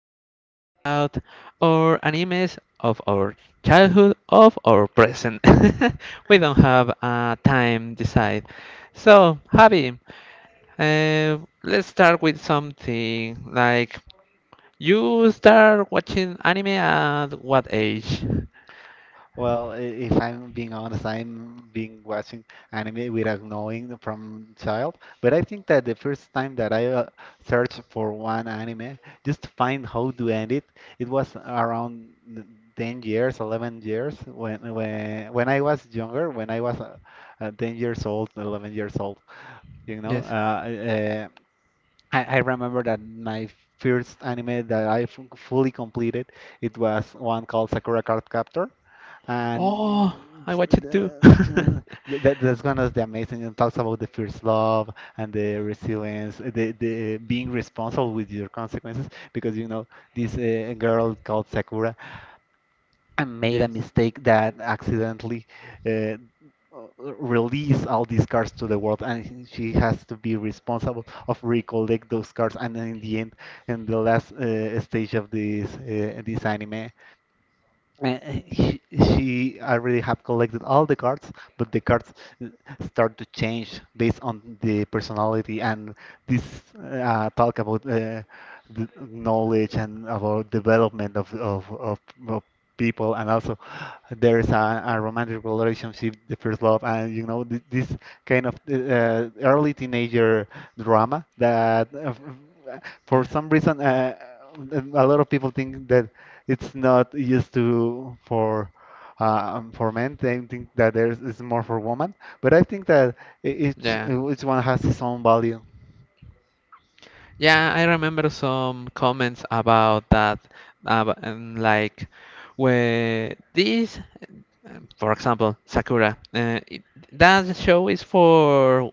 going to talk about our animes of our childhood, of our present. We don't have a time decide. So, Javi, uh, let's start with something like, you start watching anime at what age? Well, if I'm being honest, I'm being watching anime without knowing from child. But I think that the first time that I searched for one anime just to find how to end it, it was around 10 years, 11 years when I was younger, when I was 10 years old, 11 years old. You know, Yes. I remember that my first anime that I fully completed, it was one called Sakura Card Captor, Oh, and I s- watch it too. the, uh, th- that, that's one of the amazing. It talks about the first love and the resilience, the being responsible with your consequences. Because you know this girl called Sakura, I made a Yes. mistake that accidentally uh, release all these cards to the world, and she has to be responsible of recollect those cards. And then in the end, in the last stage of this anime, uh, I really have collected all the cards, but the cards uh, start to change based on the personality and this talk about the knowledge and about development of people and also there is a romantic relationship, the first love, and you know th this kind of early teenager drama that for Yeah. some reason a lot of people think that it's not used to for men. They think that there's it's more for women, but I think that i- each Yeah. each one has its own value. Yeah, I remember some comments about that, and like where this, for example, Sakura. That show is for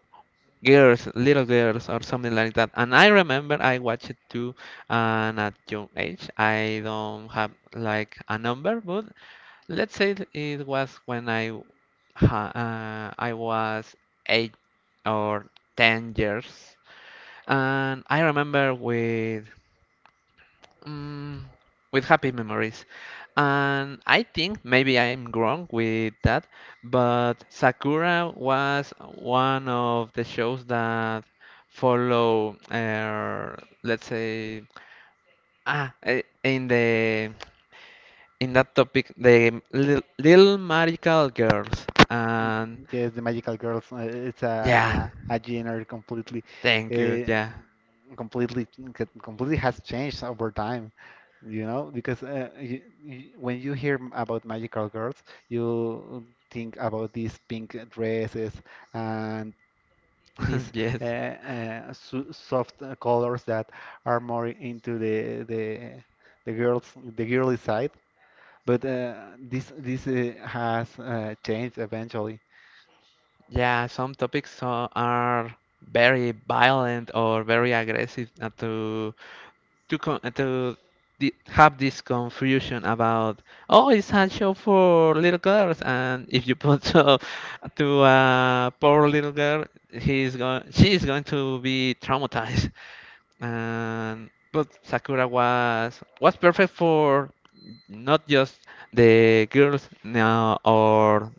girls, little girls, or something like that. And I remember I watched it too, and at young age, I don't have like a number, but let's say it was when I I was 8 or 10 years, and I remember mm, with happy memories. And I think maybe I'm wrong with that, but Sakura was one of the shows that follow, let's say, ah, eh, in the in that topic, the little, little magical girls. Y- And Yes, the magical girls. uh, It's yeah, a a, a genre completely, thank you. Yeah, uh, completely completely has changed over time. You know, because you, when you hear about magical girls, you think about these pink dresses and these yes. Soft colors that are more into the girly side. But this has changed eventually. Yeah, some topics are very violent or very aggressive to con to di have this confusion about, oh, it's a show for little girls, and if you put to a poor little girl, he's going she's going to be traumatized, and but Sakura was perfect for not just the girls now, or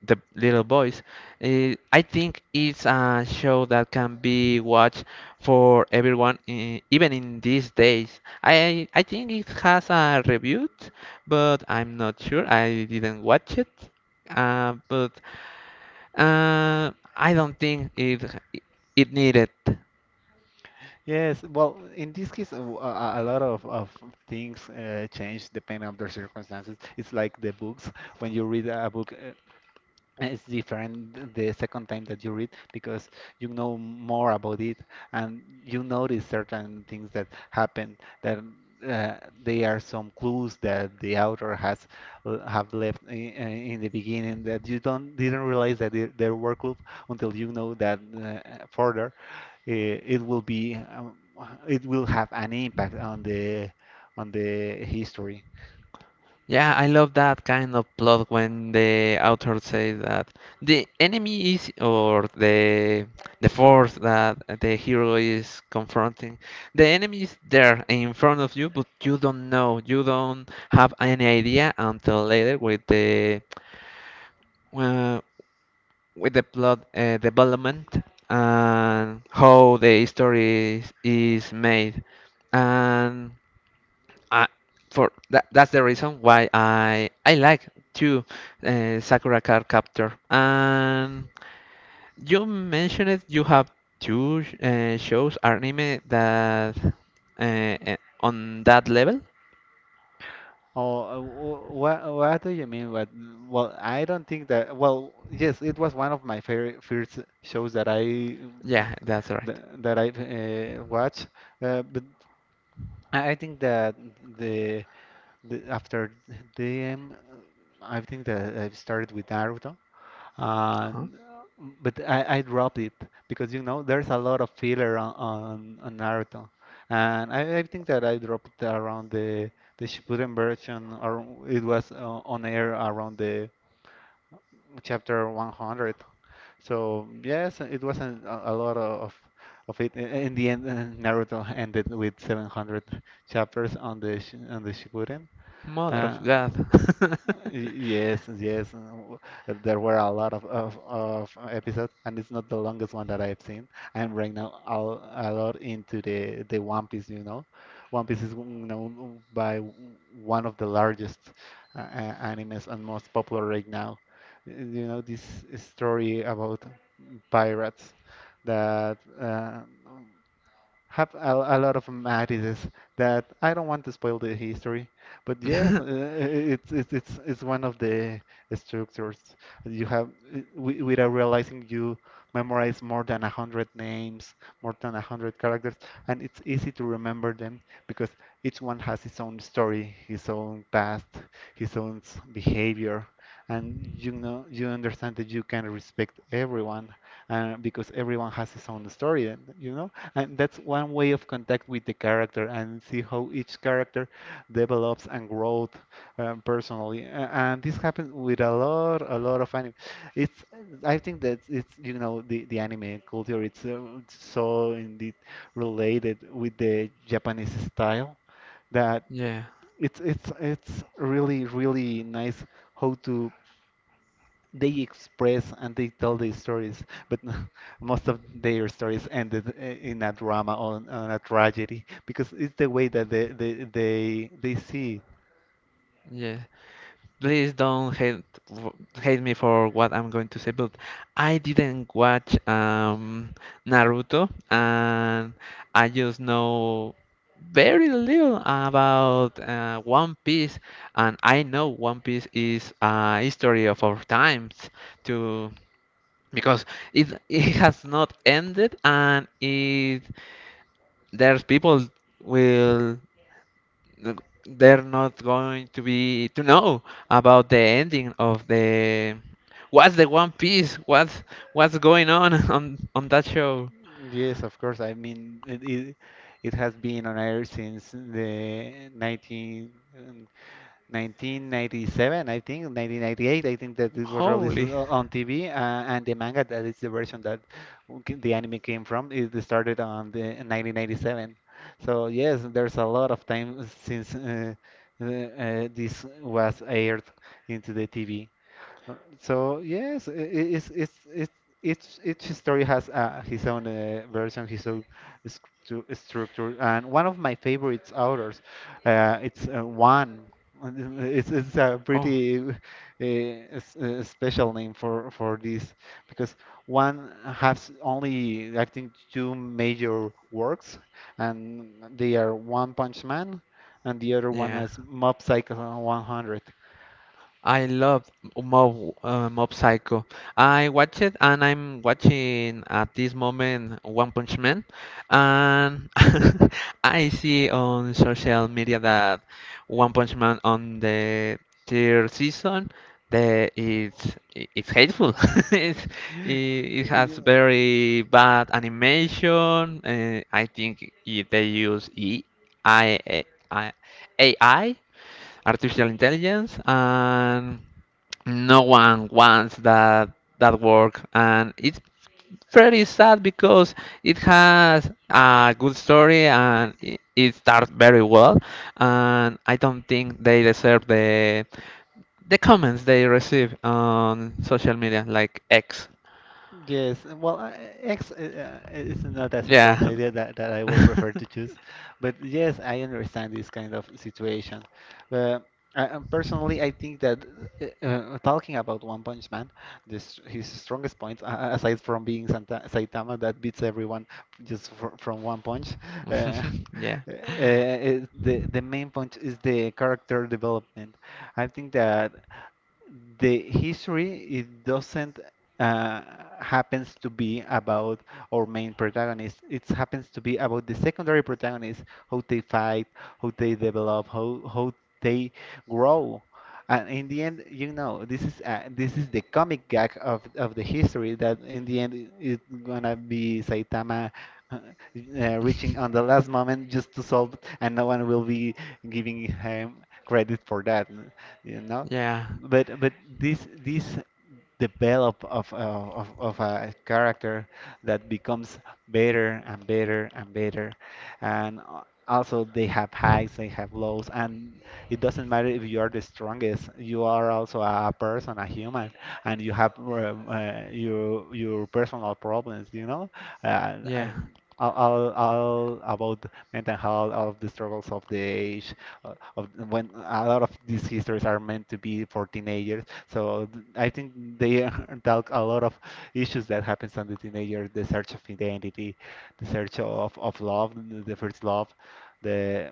the little boys. I think it's a show that can be watched for everyone, even in these days. I think it has a review, but I'm not sure. I didn't watch it, but uh, I don't think it needed. Yes, well, in this case, a lot of things change depending on their circumstances. It's like the books. When you read a book, it's different the second time that you read because you know more about it and you notice certain things that happen that uh, they are some clues that the author has have left in the beginning that you don't didn't realize that there were clues until you know that further it will be it will have an impact on the history. Yeah, I love that kind of plot when the author says that the enemy is, or the force that the hero is confronting, the enemy is there in front of you, but you don't know, you don't have any idea until later uh, with the plot development and how the story is made. And I for that, that's the reason why I like to, Sakura Card Captor. And you mentioned it, you have two shows anime that on that level. Oh, what do you mean? But well, I don't think that. Well, yes, it was one of my favorite first shows that I uh, Yeah, that's right. that I've watched. But I think that the, the after them, I think that I've started with Naruto, Uh-huh. and but I dropped it because you know there's a lot of filler on Naruto, and I think that I dropped it around the Shippuden version, or it was on air around the chapter 100. So yes, it wasn't a lot of it. In the end, Naruto ended with 700 chapters on the on the Shippuden, Mother uh, of God. Yes. There were a lot of episodes, and it's not the longest one that I've seen. I'm right now all a lot into the One Piece, you know. One Piece is known by one of the largest animes and most popular right now. Y- You know, this story about pirates that have a lot of marriages that I don't want to spoil the history, but yes, it's one of the structures you have without realizing you memorize more than a hundred names, more than a hundred characters, and it's easy to remember them because each one has its own story, his own past, his own behavior, and you know you understand that you can respect everyone, because everyone has his own story, and, you know. And that's one way of contact with the character and see how each character develops and grows personally. And this happens with a lot of anime. It's, I think that it's, you know, the anime culture, it's so indeed related with the Japanese style that Yeah, it's really, really nice how to they express and they tell their stories, but most of their stories ended in a drama or on a tragedy because it's the way that they see. It. yeah. Please don't hate w- hate me for what I'm going to say, but I didn't watch Naruto, and I just know very little about One Piece, and I know One Piece is a history of our times to, because it has not ended, and it there's people will, th- they're not going to be to know about the ending of the what's the One Piece? What's going on on that show? Yes, of course. I mean, it has been on air since the 19. 1997, I think, 1998. I think that this was released Holy. On TV, and the manga that is the version that the anime came from it started on the in 1997. So yes, there's a lot of time since this was aired into the TV. So yes, it's each story has his own version, his own structure, and one of my favorites authors, it's one. It's a pretty Oh, special name for this because one has only I think two major works, and they are One Punch Man, and the other one yeah. is Mob Psycho 100. I love Mob Psycho. I watch it and I'm watching at this moment One Punch Man, and I see on social media that One Punch Man on the third season, it's hateful. it's, it has Yeah. very bad animation. I think they use E I, A I, AI, artificial intelligence, and no one wants that work, and it's pretty sad because it has a good story, and it starts very well, and I don't think they deserve the comments they receive on social media like X. Yes, and well, X is not a social Yeah. media that, that I will prefer to choose, but yes, I understand this kind of situation. But I, personally, I think that talking about One Punch Man, this his strongest point, aside from being Saitama that beats everyone just fr from one punch, uh, uh, Yeah, it- the main point is the character development. I think that the history it doesn't uh, happens to be about our main protagonist. It happens to be about the secondary protagonist, how they fight, how they develop, how they grow. And in the end, you know, this is the comic gag of the history that in the end it's gonna be Saitama uh, reaching on the last moment just to solve it, and no one will be giving him credit for that, you know. yeah, But this develop of a character that becomes better and better and also they have highs they have lows and it doesn't matter if you are the strongest you are also a person a human and you have your personal problems you know yeah, and all, all about mental health all of the struggles of the age of when a lot of these histories are meant to be for teenagers so I think they talk a lot of issues that happens on the teenager, the search of identity, the search of love, the first love, the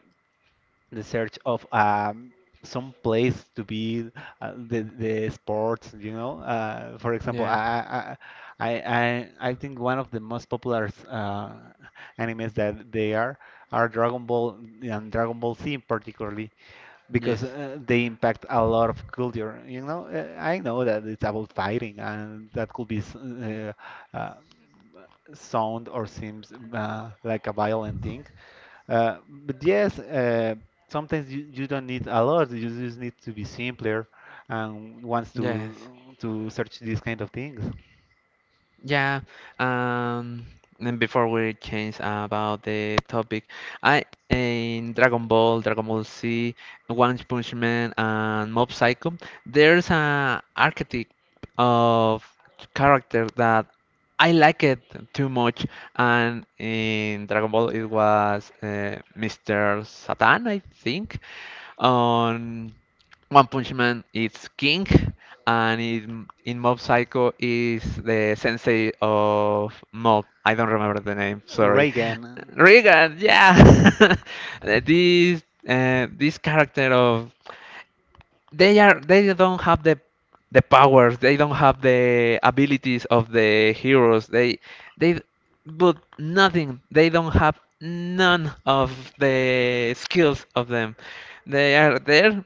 the search of some place to be, the sports, you know. For example, yeah. I think one of the most popular animes that they are Dragon Ball and Dragon Ball Z particularly because Yes, they impact a lot of culture. You know, I know that it's about fighting, and that could be uh, sound or seems like a violent thing. But yes, sometimes you don't need a lot. You just need to be simpler and wants yes. to search these kind of things. Yeah, um, and before we change about the topic, I in Dragon Ball, Dragon Ball Z, One Punch Man, and Mob Psycho, there's a archetype of character that I like it too much, and in Dragon Ball it was Mr. Satan, I think, on One Punch Man, it's King, and in Mob Psycho is the sensei of Mob. I don't remember the name. Sorry, Reagan. Regan. Yeah, this this character of they don't have the powers, they don't have the abilities of the heroes, they but nothing, they don't have none of the skills of them. They are there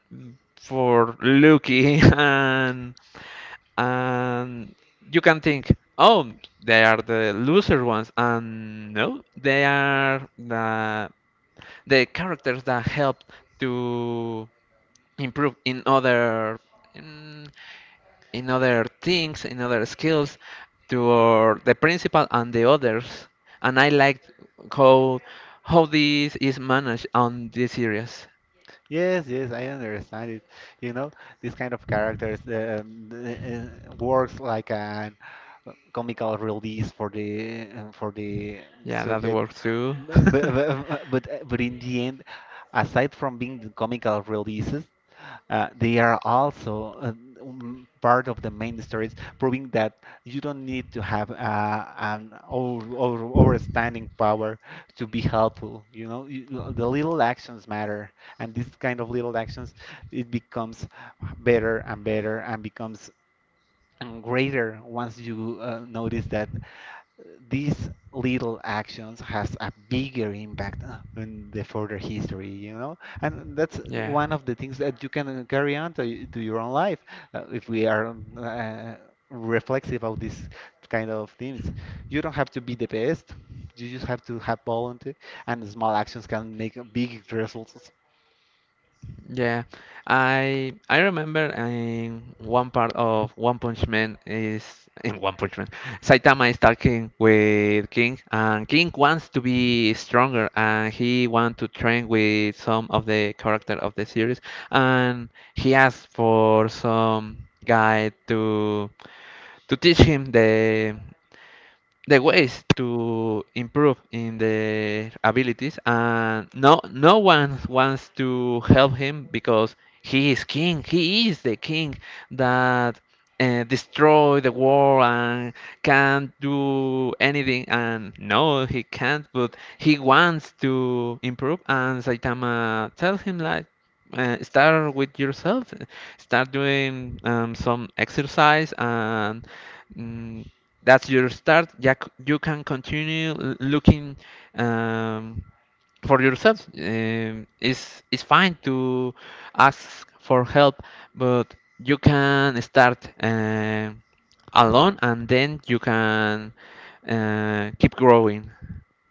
for lucky. And you can think, oh, they are the loser ones, and no, they are the characters that help to improve in in, other things, in other skills toward the principal and the others. And I liked how how this is managed on these areas. Yes, yes, I understand it. You know, this kind of characters works like an comical release for the Yeah, that subject. works too. B- b- b- But uh, but in the end, aside from being the comical releases, they are also part of the main stories, proving that you don't need to have an overstanding power to be helpful. You know, you, the little actions matter and these kind of little actions it becomes better and better and becomes greater once you notice that these little actions has a bigger impact in the further history you know and that's Yeah. one of the things that you can carry on to your own life if we are reflexive of this kind of things you don't have to be the best you just have to have volunteer and small actions can make big results. Yeah, I remember in one part of One Punch Man in One Punch Man, Saitama is talking with King, and King wants to be stronger, and he wants to train with some of the character of the series, and he asks for some guy to teach him the ways to improve in the abilities, and no one wants to help him because he is king, he is the king that destroy the world and can't do anything, and no, he can't, but he wants to improve, and Saitama tells him like, start with yourself, start doing some exercise, and mm, that's your start. Yeah, you can continue looking, um, for yourself. It's fine to ask for help, but you can start alone, and then you can keep growing.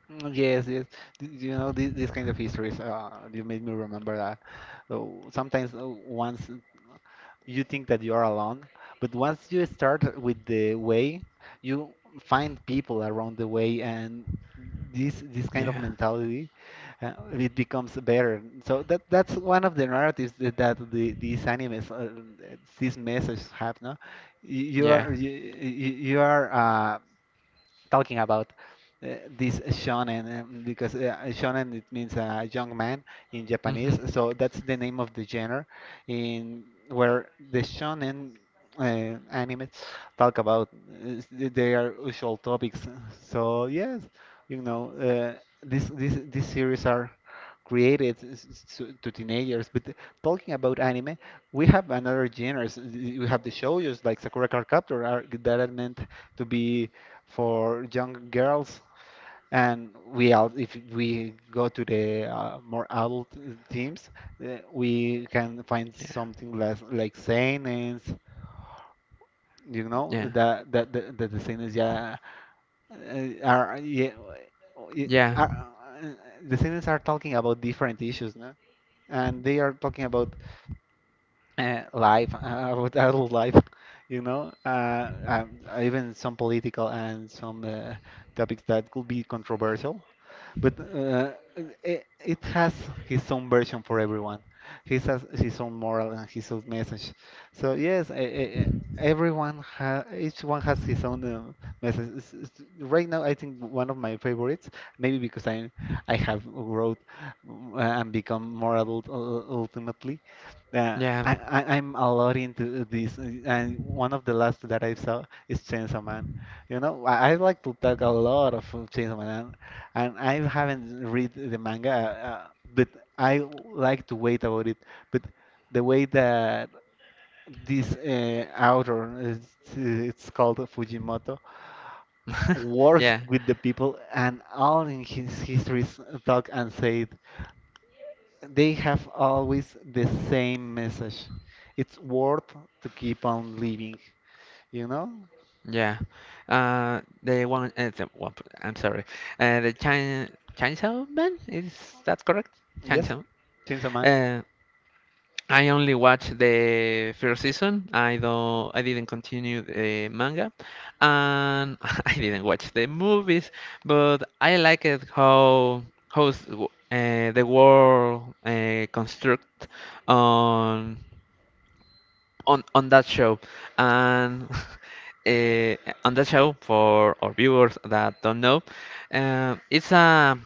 Mm, yes, yes. You know, these kind of histories, you made me remember that. Uh, sometimes once you think that you are alone, but once you start with the way, you find people around the way, and this kind of Yeah, mentality, it becomes better. So that's one of the narratives that, that the these animes, these messages have, no? You you yeah, are you, you you are uh, talking about this shonen because shonen it means young man in hmm Japanese, so that's the name of the genre in where the shonen anime talk about their usual topics. So yes, this this these series are created to teenagers. But talking about anime, we have another genres. We have the shoujos like Sakura Card Captor are, that are meant to be for young girls. And we out if we go to the more adult themes, we can find yeah, something less like seinen, yeah, that the seinen. Yeah, are. Yeah, i- yeah, are uh, the seinen are talking about different issues, no? And they are talking about life, about adult life, even some political and some topics that could be controversial. But it has his own version for everyone. He has his own moral and his own message. So yes, e- e- e- everyone ha each one has his own message. Right now, I think one of my favorites, maybe because I have grown and become more adult ultimately. Uh, yeah, I, I'm a lot into this, and one of the last that I saw is Chainsaw Man. You know, I like to talk a lot of Chainsaw Man, and I haven't read the manga, but I like to wait about it. But the way that this author, it's called Fujimoto, works yeah. with the people, and all in his histories talk and say they have always the same message. It's worth to keep on living, you know? Yeah. Uh, the one, uh, the one, I'm sorry. The Chin Chainsaw Man, is that correct? Yes, Chainsaw. Chainsaw Man. Uh, I only watched the first season. I didn't continue the manga, and I didn't watch the movies. But I like it how the world construct on on that show, and uh, on that show, for our viewers that don't know, it's a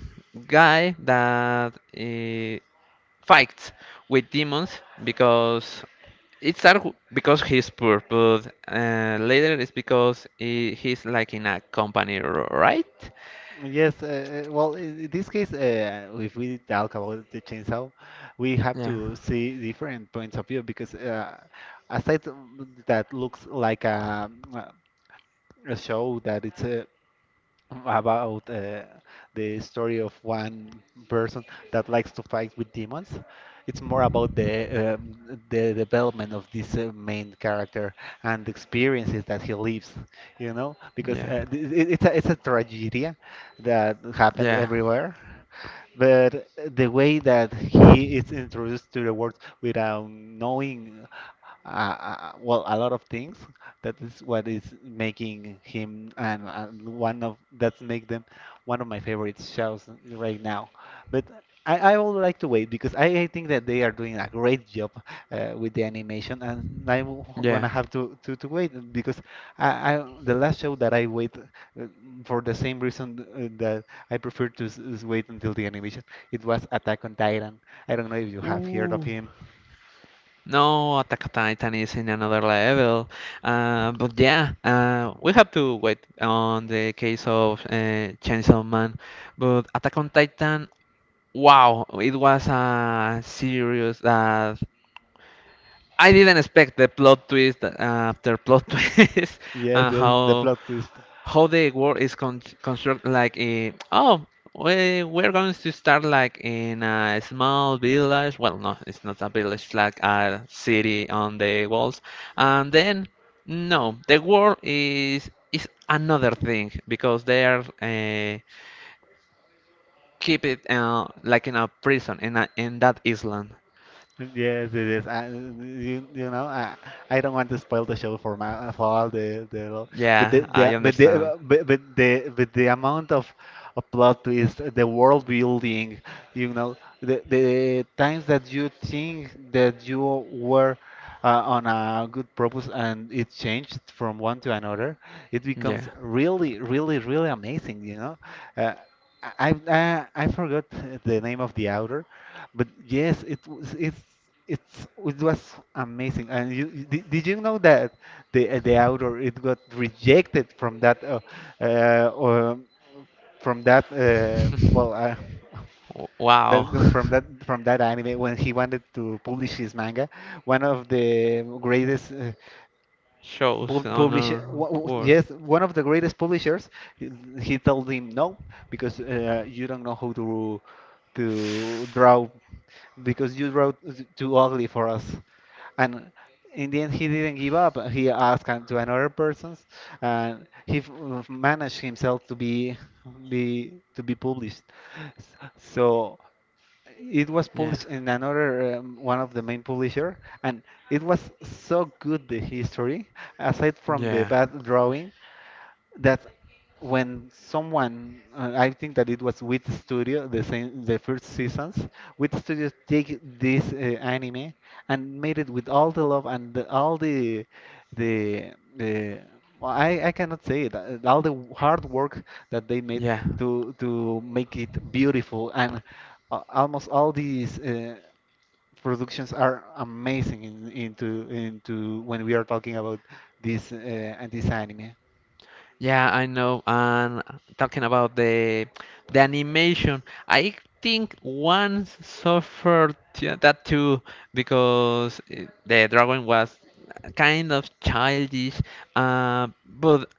guy that fights with demons because it started because he's poor, but later it's because he's like in a company, right. Yes, well, in this case, if we talk about the chainsaw, we have Yeah, to see different points of view because aside from that looks like a show that it's about the story of one person that likes to fight with demons. It's more about the development of this main character and the experiences that he lives, you know, because yeah, it's a tragedy that happens yeah, everywhere. But the way that he is introduced to the world without knowing well, a lot of things. That is what is making him and one of that's make them one of my favorite shows right now. But I would like to wait because I think that they are doing a great job with the animation, and I'm yeah. gonna have to wait because I the last show that I wait for the same reason that I prefer to wait until the animation. It was Attack on Titan. I don't know if you have heard of Ooh. him. No, Attack on Titan is in another level. But yeah, we have to wait on the case of Chainsaw Man. But Attack on Titan, wow, it was a serious that I didn't expect the plot twist after plot twist, Yes, and yes, the how plot twist. how the world is constructed, like, oh, we're going to start like in a small village. Well, no, it's not a village, it's like a city on the walls, and then, no, the world is another thing because they are, keep it, like in a prison in in that island. Yes, it is. I, you know, I don't want to spoil the show for my for all the but Yeah, I understand. the but the amount of plot twist, the world building, you know, the times that you think that you were uh, on a good purpose and it changed from one to another, it Yeah. becomes really, really, really amazing, you know. Uh, I forgot the name of the author, but yes, it was amazing. And did you know that the outdoor it got rejected uh um, from that well Wow. that from that from that anime when he wanted to publish his manga. One of the greatest Shows Pub- on Publish our wha- wha- war. Yes, one of the greatest publishers. He he told him no because you don't know how to draw because you wrote too ugly for us. And in the end, he didn't give up. He asked to another persons, and he managed himself to be published. So it was Yeah, published in another one of the main publisher, and it was so good the history aside from the yeah. bad drawing that when someone I think that it was Wit Studio. The same the first seasons, Wit Studio take this anime and made it with all the love all the well, I cannot say it. All the hard work that they made Yeah, to make it beautiful, and almost all these productions are amazing in, into when we are talking about this and this anime. yeah, I know. And talking about the animation, I think once suffered, yeah, that too, because the drawing was kind of childish. But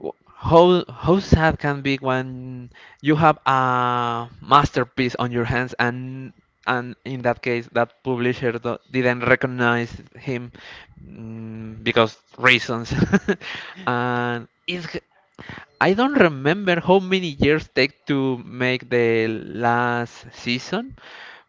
How sad can be when you have a masterpiece on your hands, and in that case that publisher didn't recognize him, because reasons. and it's I don't remember how many years take to make the last season,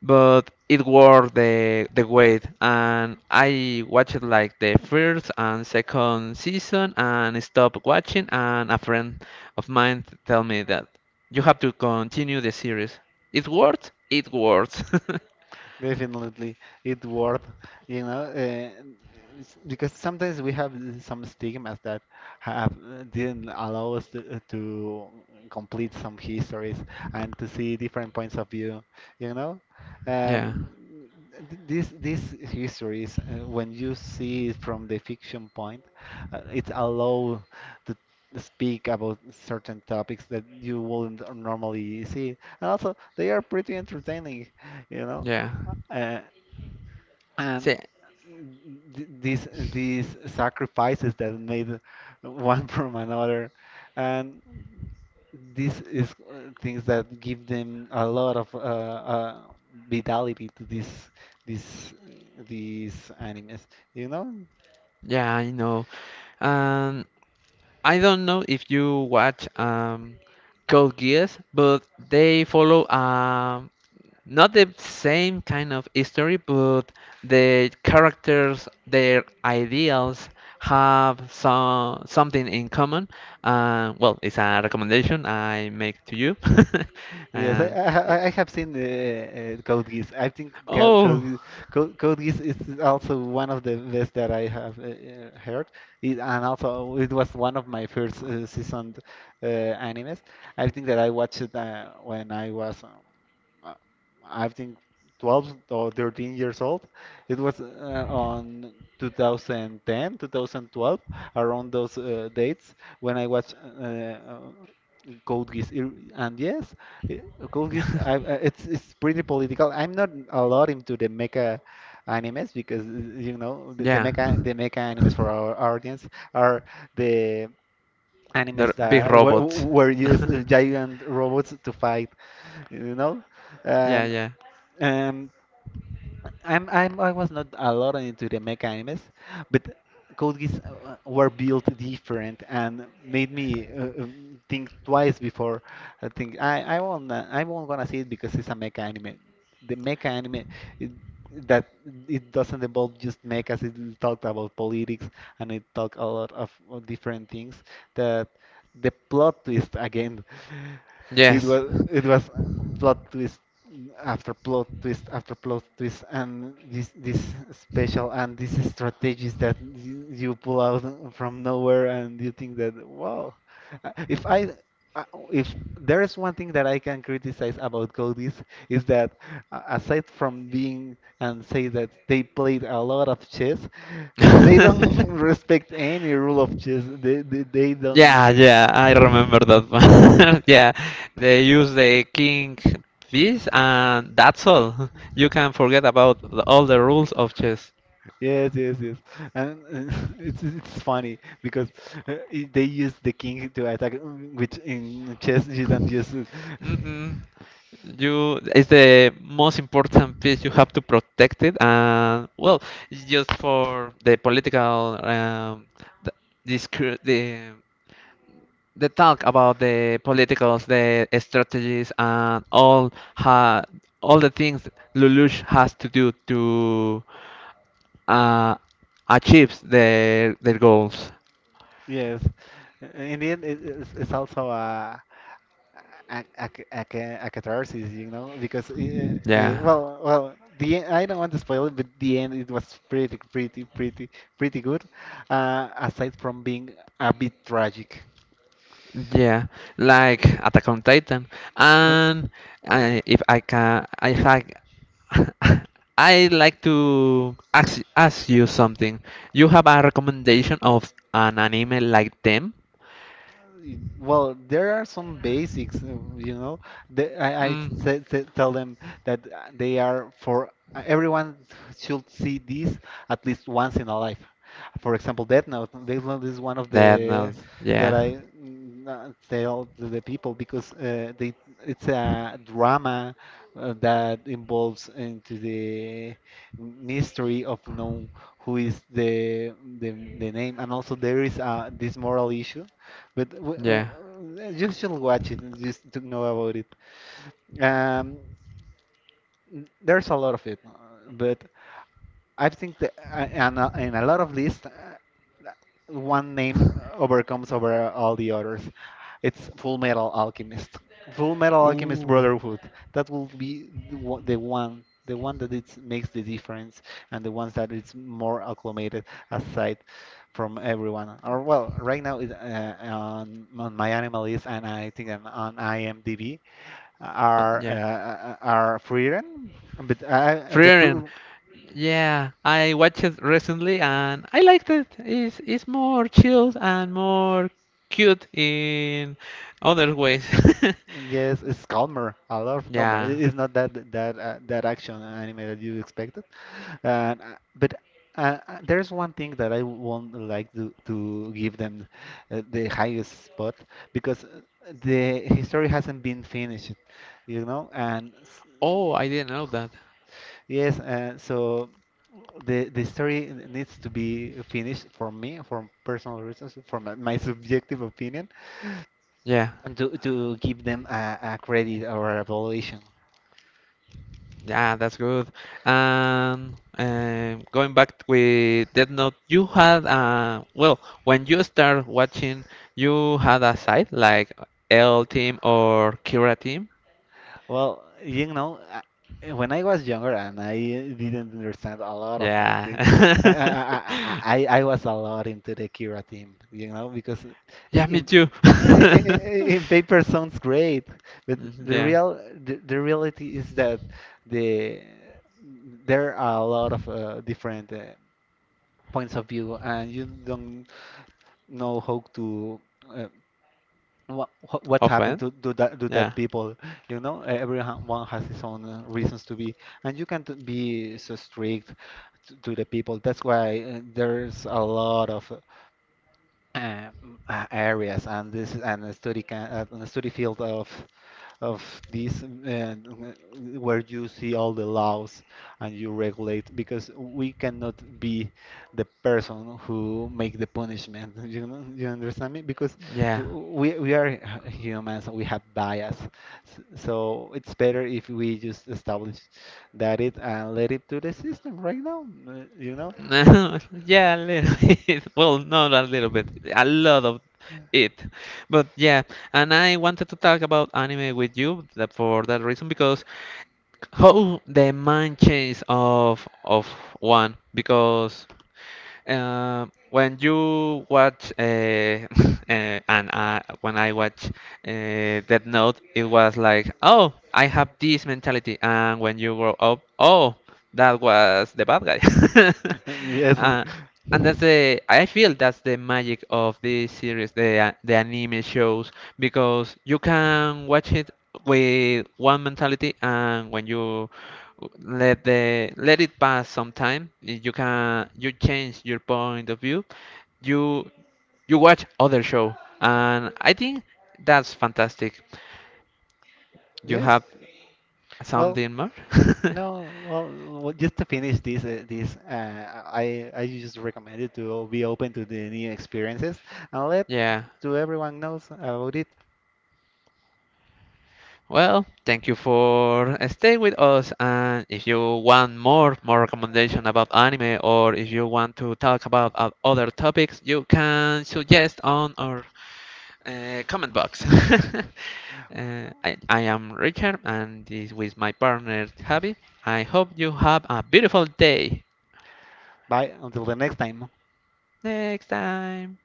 but it worth the wait. And I watched like the first and second season and stopped watching. And a friend of mine tell me that you have to continue the series. It works. It works. Definitely, it worth, you know. Because sometimes we have some stigmas that have didn't allow us to, complete some histories and to see different points of view, you know. Yeah, Um, these histories, when you see it from the fiction point, it allow to speak about certain topics that you wouldn't normally see, and also they are pretty entertaining, you know. yeah. uh, and See, th- these these sacrifices that made one from another, and this is things that give them a lot of vitality to this this these animes. You know, yeah, I know. Um, I don't know if you watch Code Geass, but they follow, not the same kind of history, but the characters, their ideals have something in common. Well, it's a recommendation I make to you. yes, And I have seen Code Geass. I think oh, Geass, Code Code Geass is also one of the best that I have heard. And also, it was one of my first seasoned animes. I think that I watched it when I was uh, I think 12 or 13 years old. It was on 2010, 2012, around those dates, when I watched Code Geass. And yes, i- Code Geass, I, it's pretty political. I'm not a lot into the mecha animes because you know the, the yeah, mecha the mecha animes for our audience are the they're animes big that were, robots. were used giant robots to fight, you know. Yeah, And yeah, um, I'm I was not a lot into the mecha animes, but Code Geass were built different, and made me think twice before. I think I won't gonna see it because it's a mecha anime. The mecha anime it, that it doesn't involve just mechas. It talked about politics, and it talked a lot of different things. That the plot twist again, it yes. was it was plot twist after plot twist after plot twist, and this special and these strategies that you pull out from nowhere, and you think that wow. Uh, if I if there is one thing that I can criticize about Codis is that aside from being and say that they played a lot of chess, they don't respect any rule of chess. They don't Yeah, yeah, I remember that uh, one. Yeah, they use the king piece, and that's all. You can forget about all the rules of chess. Yes, yes, yes. And it's funny because they use the king to attack, mm, which in chess you don't use it. Mm-mm. It's the most important piece. You have to protect it, and well, it's just for the political, the, discur- the they talk about the politicals, the strategies, and all the things Lelouch has to do to uh, achieve their goals. Yes. In the end, it's also a catharsis, you know, because Yeah, well, well, the end, I don't want to spoil it, but the end it was pretty, pretty, pretty, pretty good. Aside from being a bit tragic. yeah, like Attack on Titan, 嗯 and if I can, if I I like to ask you something. You have a recommendation of an anime like them? Well, there are some basics, you know. The, I Mm, said, said- tell them that they are for everyone should see this at least once in a life. For example, Death Note. Death Note is one of that the no, that yeah. Tell to the people because they it's a drama that involves into the mystery of know who is the, the name, and also there is this moral issue but Yeah. You should watch it and just to know about it. Um, there's a lot of it, but I think that and in a lot of lists, one name overcomes over all the others. It's Full Metal Alchemist. Full Metal Alchemist Ooh. Brotherhood. That will be the one that it makes the difference, and the ones that it's more acclimated aside from everyone. Or well, right now on my animal list, and I think on IMDb Yeah. Are Freedom, but Frieren. Yeah, I watched it recently and I liked it. It's more chilled and more cute in other ways. Yes, it's calmer. I love calmer. Yeah. It's not that action anime that you expected. And but There's one thing that I won't like to give them the highest spot because the history hasn't been finished, you know. And Oh, I didn't know that. yes, so the story needs to be finished for me, for personal reasons, for my subjective opinion, Yeah. and to give them a credit or a valuation. Yeah, that's good. And going back with Death Note, you had well, when you start watching, you had a site like L team or Kira team. Well, you know, when I was younger and I didn't understand a lot of things, Yeah. I was a lot into the Kira team, you know, because Yeah, me in too. in paper sounds great, but Mhm. the Yeah. real the, the reality is that the there are a lot of different points of view, and you don't know how to. Uh, what happened Often? to do that do Yeah. that people, you know. Everyone has his own reasons to be, and you can't be so strict to the people. That's why there's a lot of areas and this and the study can, and the study field of this where you see all the laws, and you regulate because we cannot be the person who make the punishment. You know, you understand me because Yeah. We are humans. We have bias. So it's better if we just establish that it and let it to the system right now, you know. Yeah, a little bit. Well, no, not a little bit. A lot of it. But yeah, and I wanted to talk about anime with you that for that reason because how the mind change of one because, when you watch and when I watch Death Note, it was like, oh, I have this mentality, and when you grow up, oh, that was the bad guy. Yes. Uh, and that's the I feel that's the magic of this series, the anime shows, because you can watch it with one mentality, and when you let it pass some time, you can you change your point of view. You you watch other show, and I think that's fantastic. You Yes. have Well, something more? no. Well, well, just to finish this, this I just recommend it to be open to the new experiences and let Yeah. to everyone knows about it. Well, thank you for staying with us. And if you want more recommendation about anime, or if you want to talk about other topics, you can suggest on our comment box. I am Richard, and this with my partner Javi. I hope you have a beautiful day. Bye. Until the next time. Next time.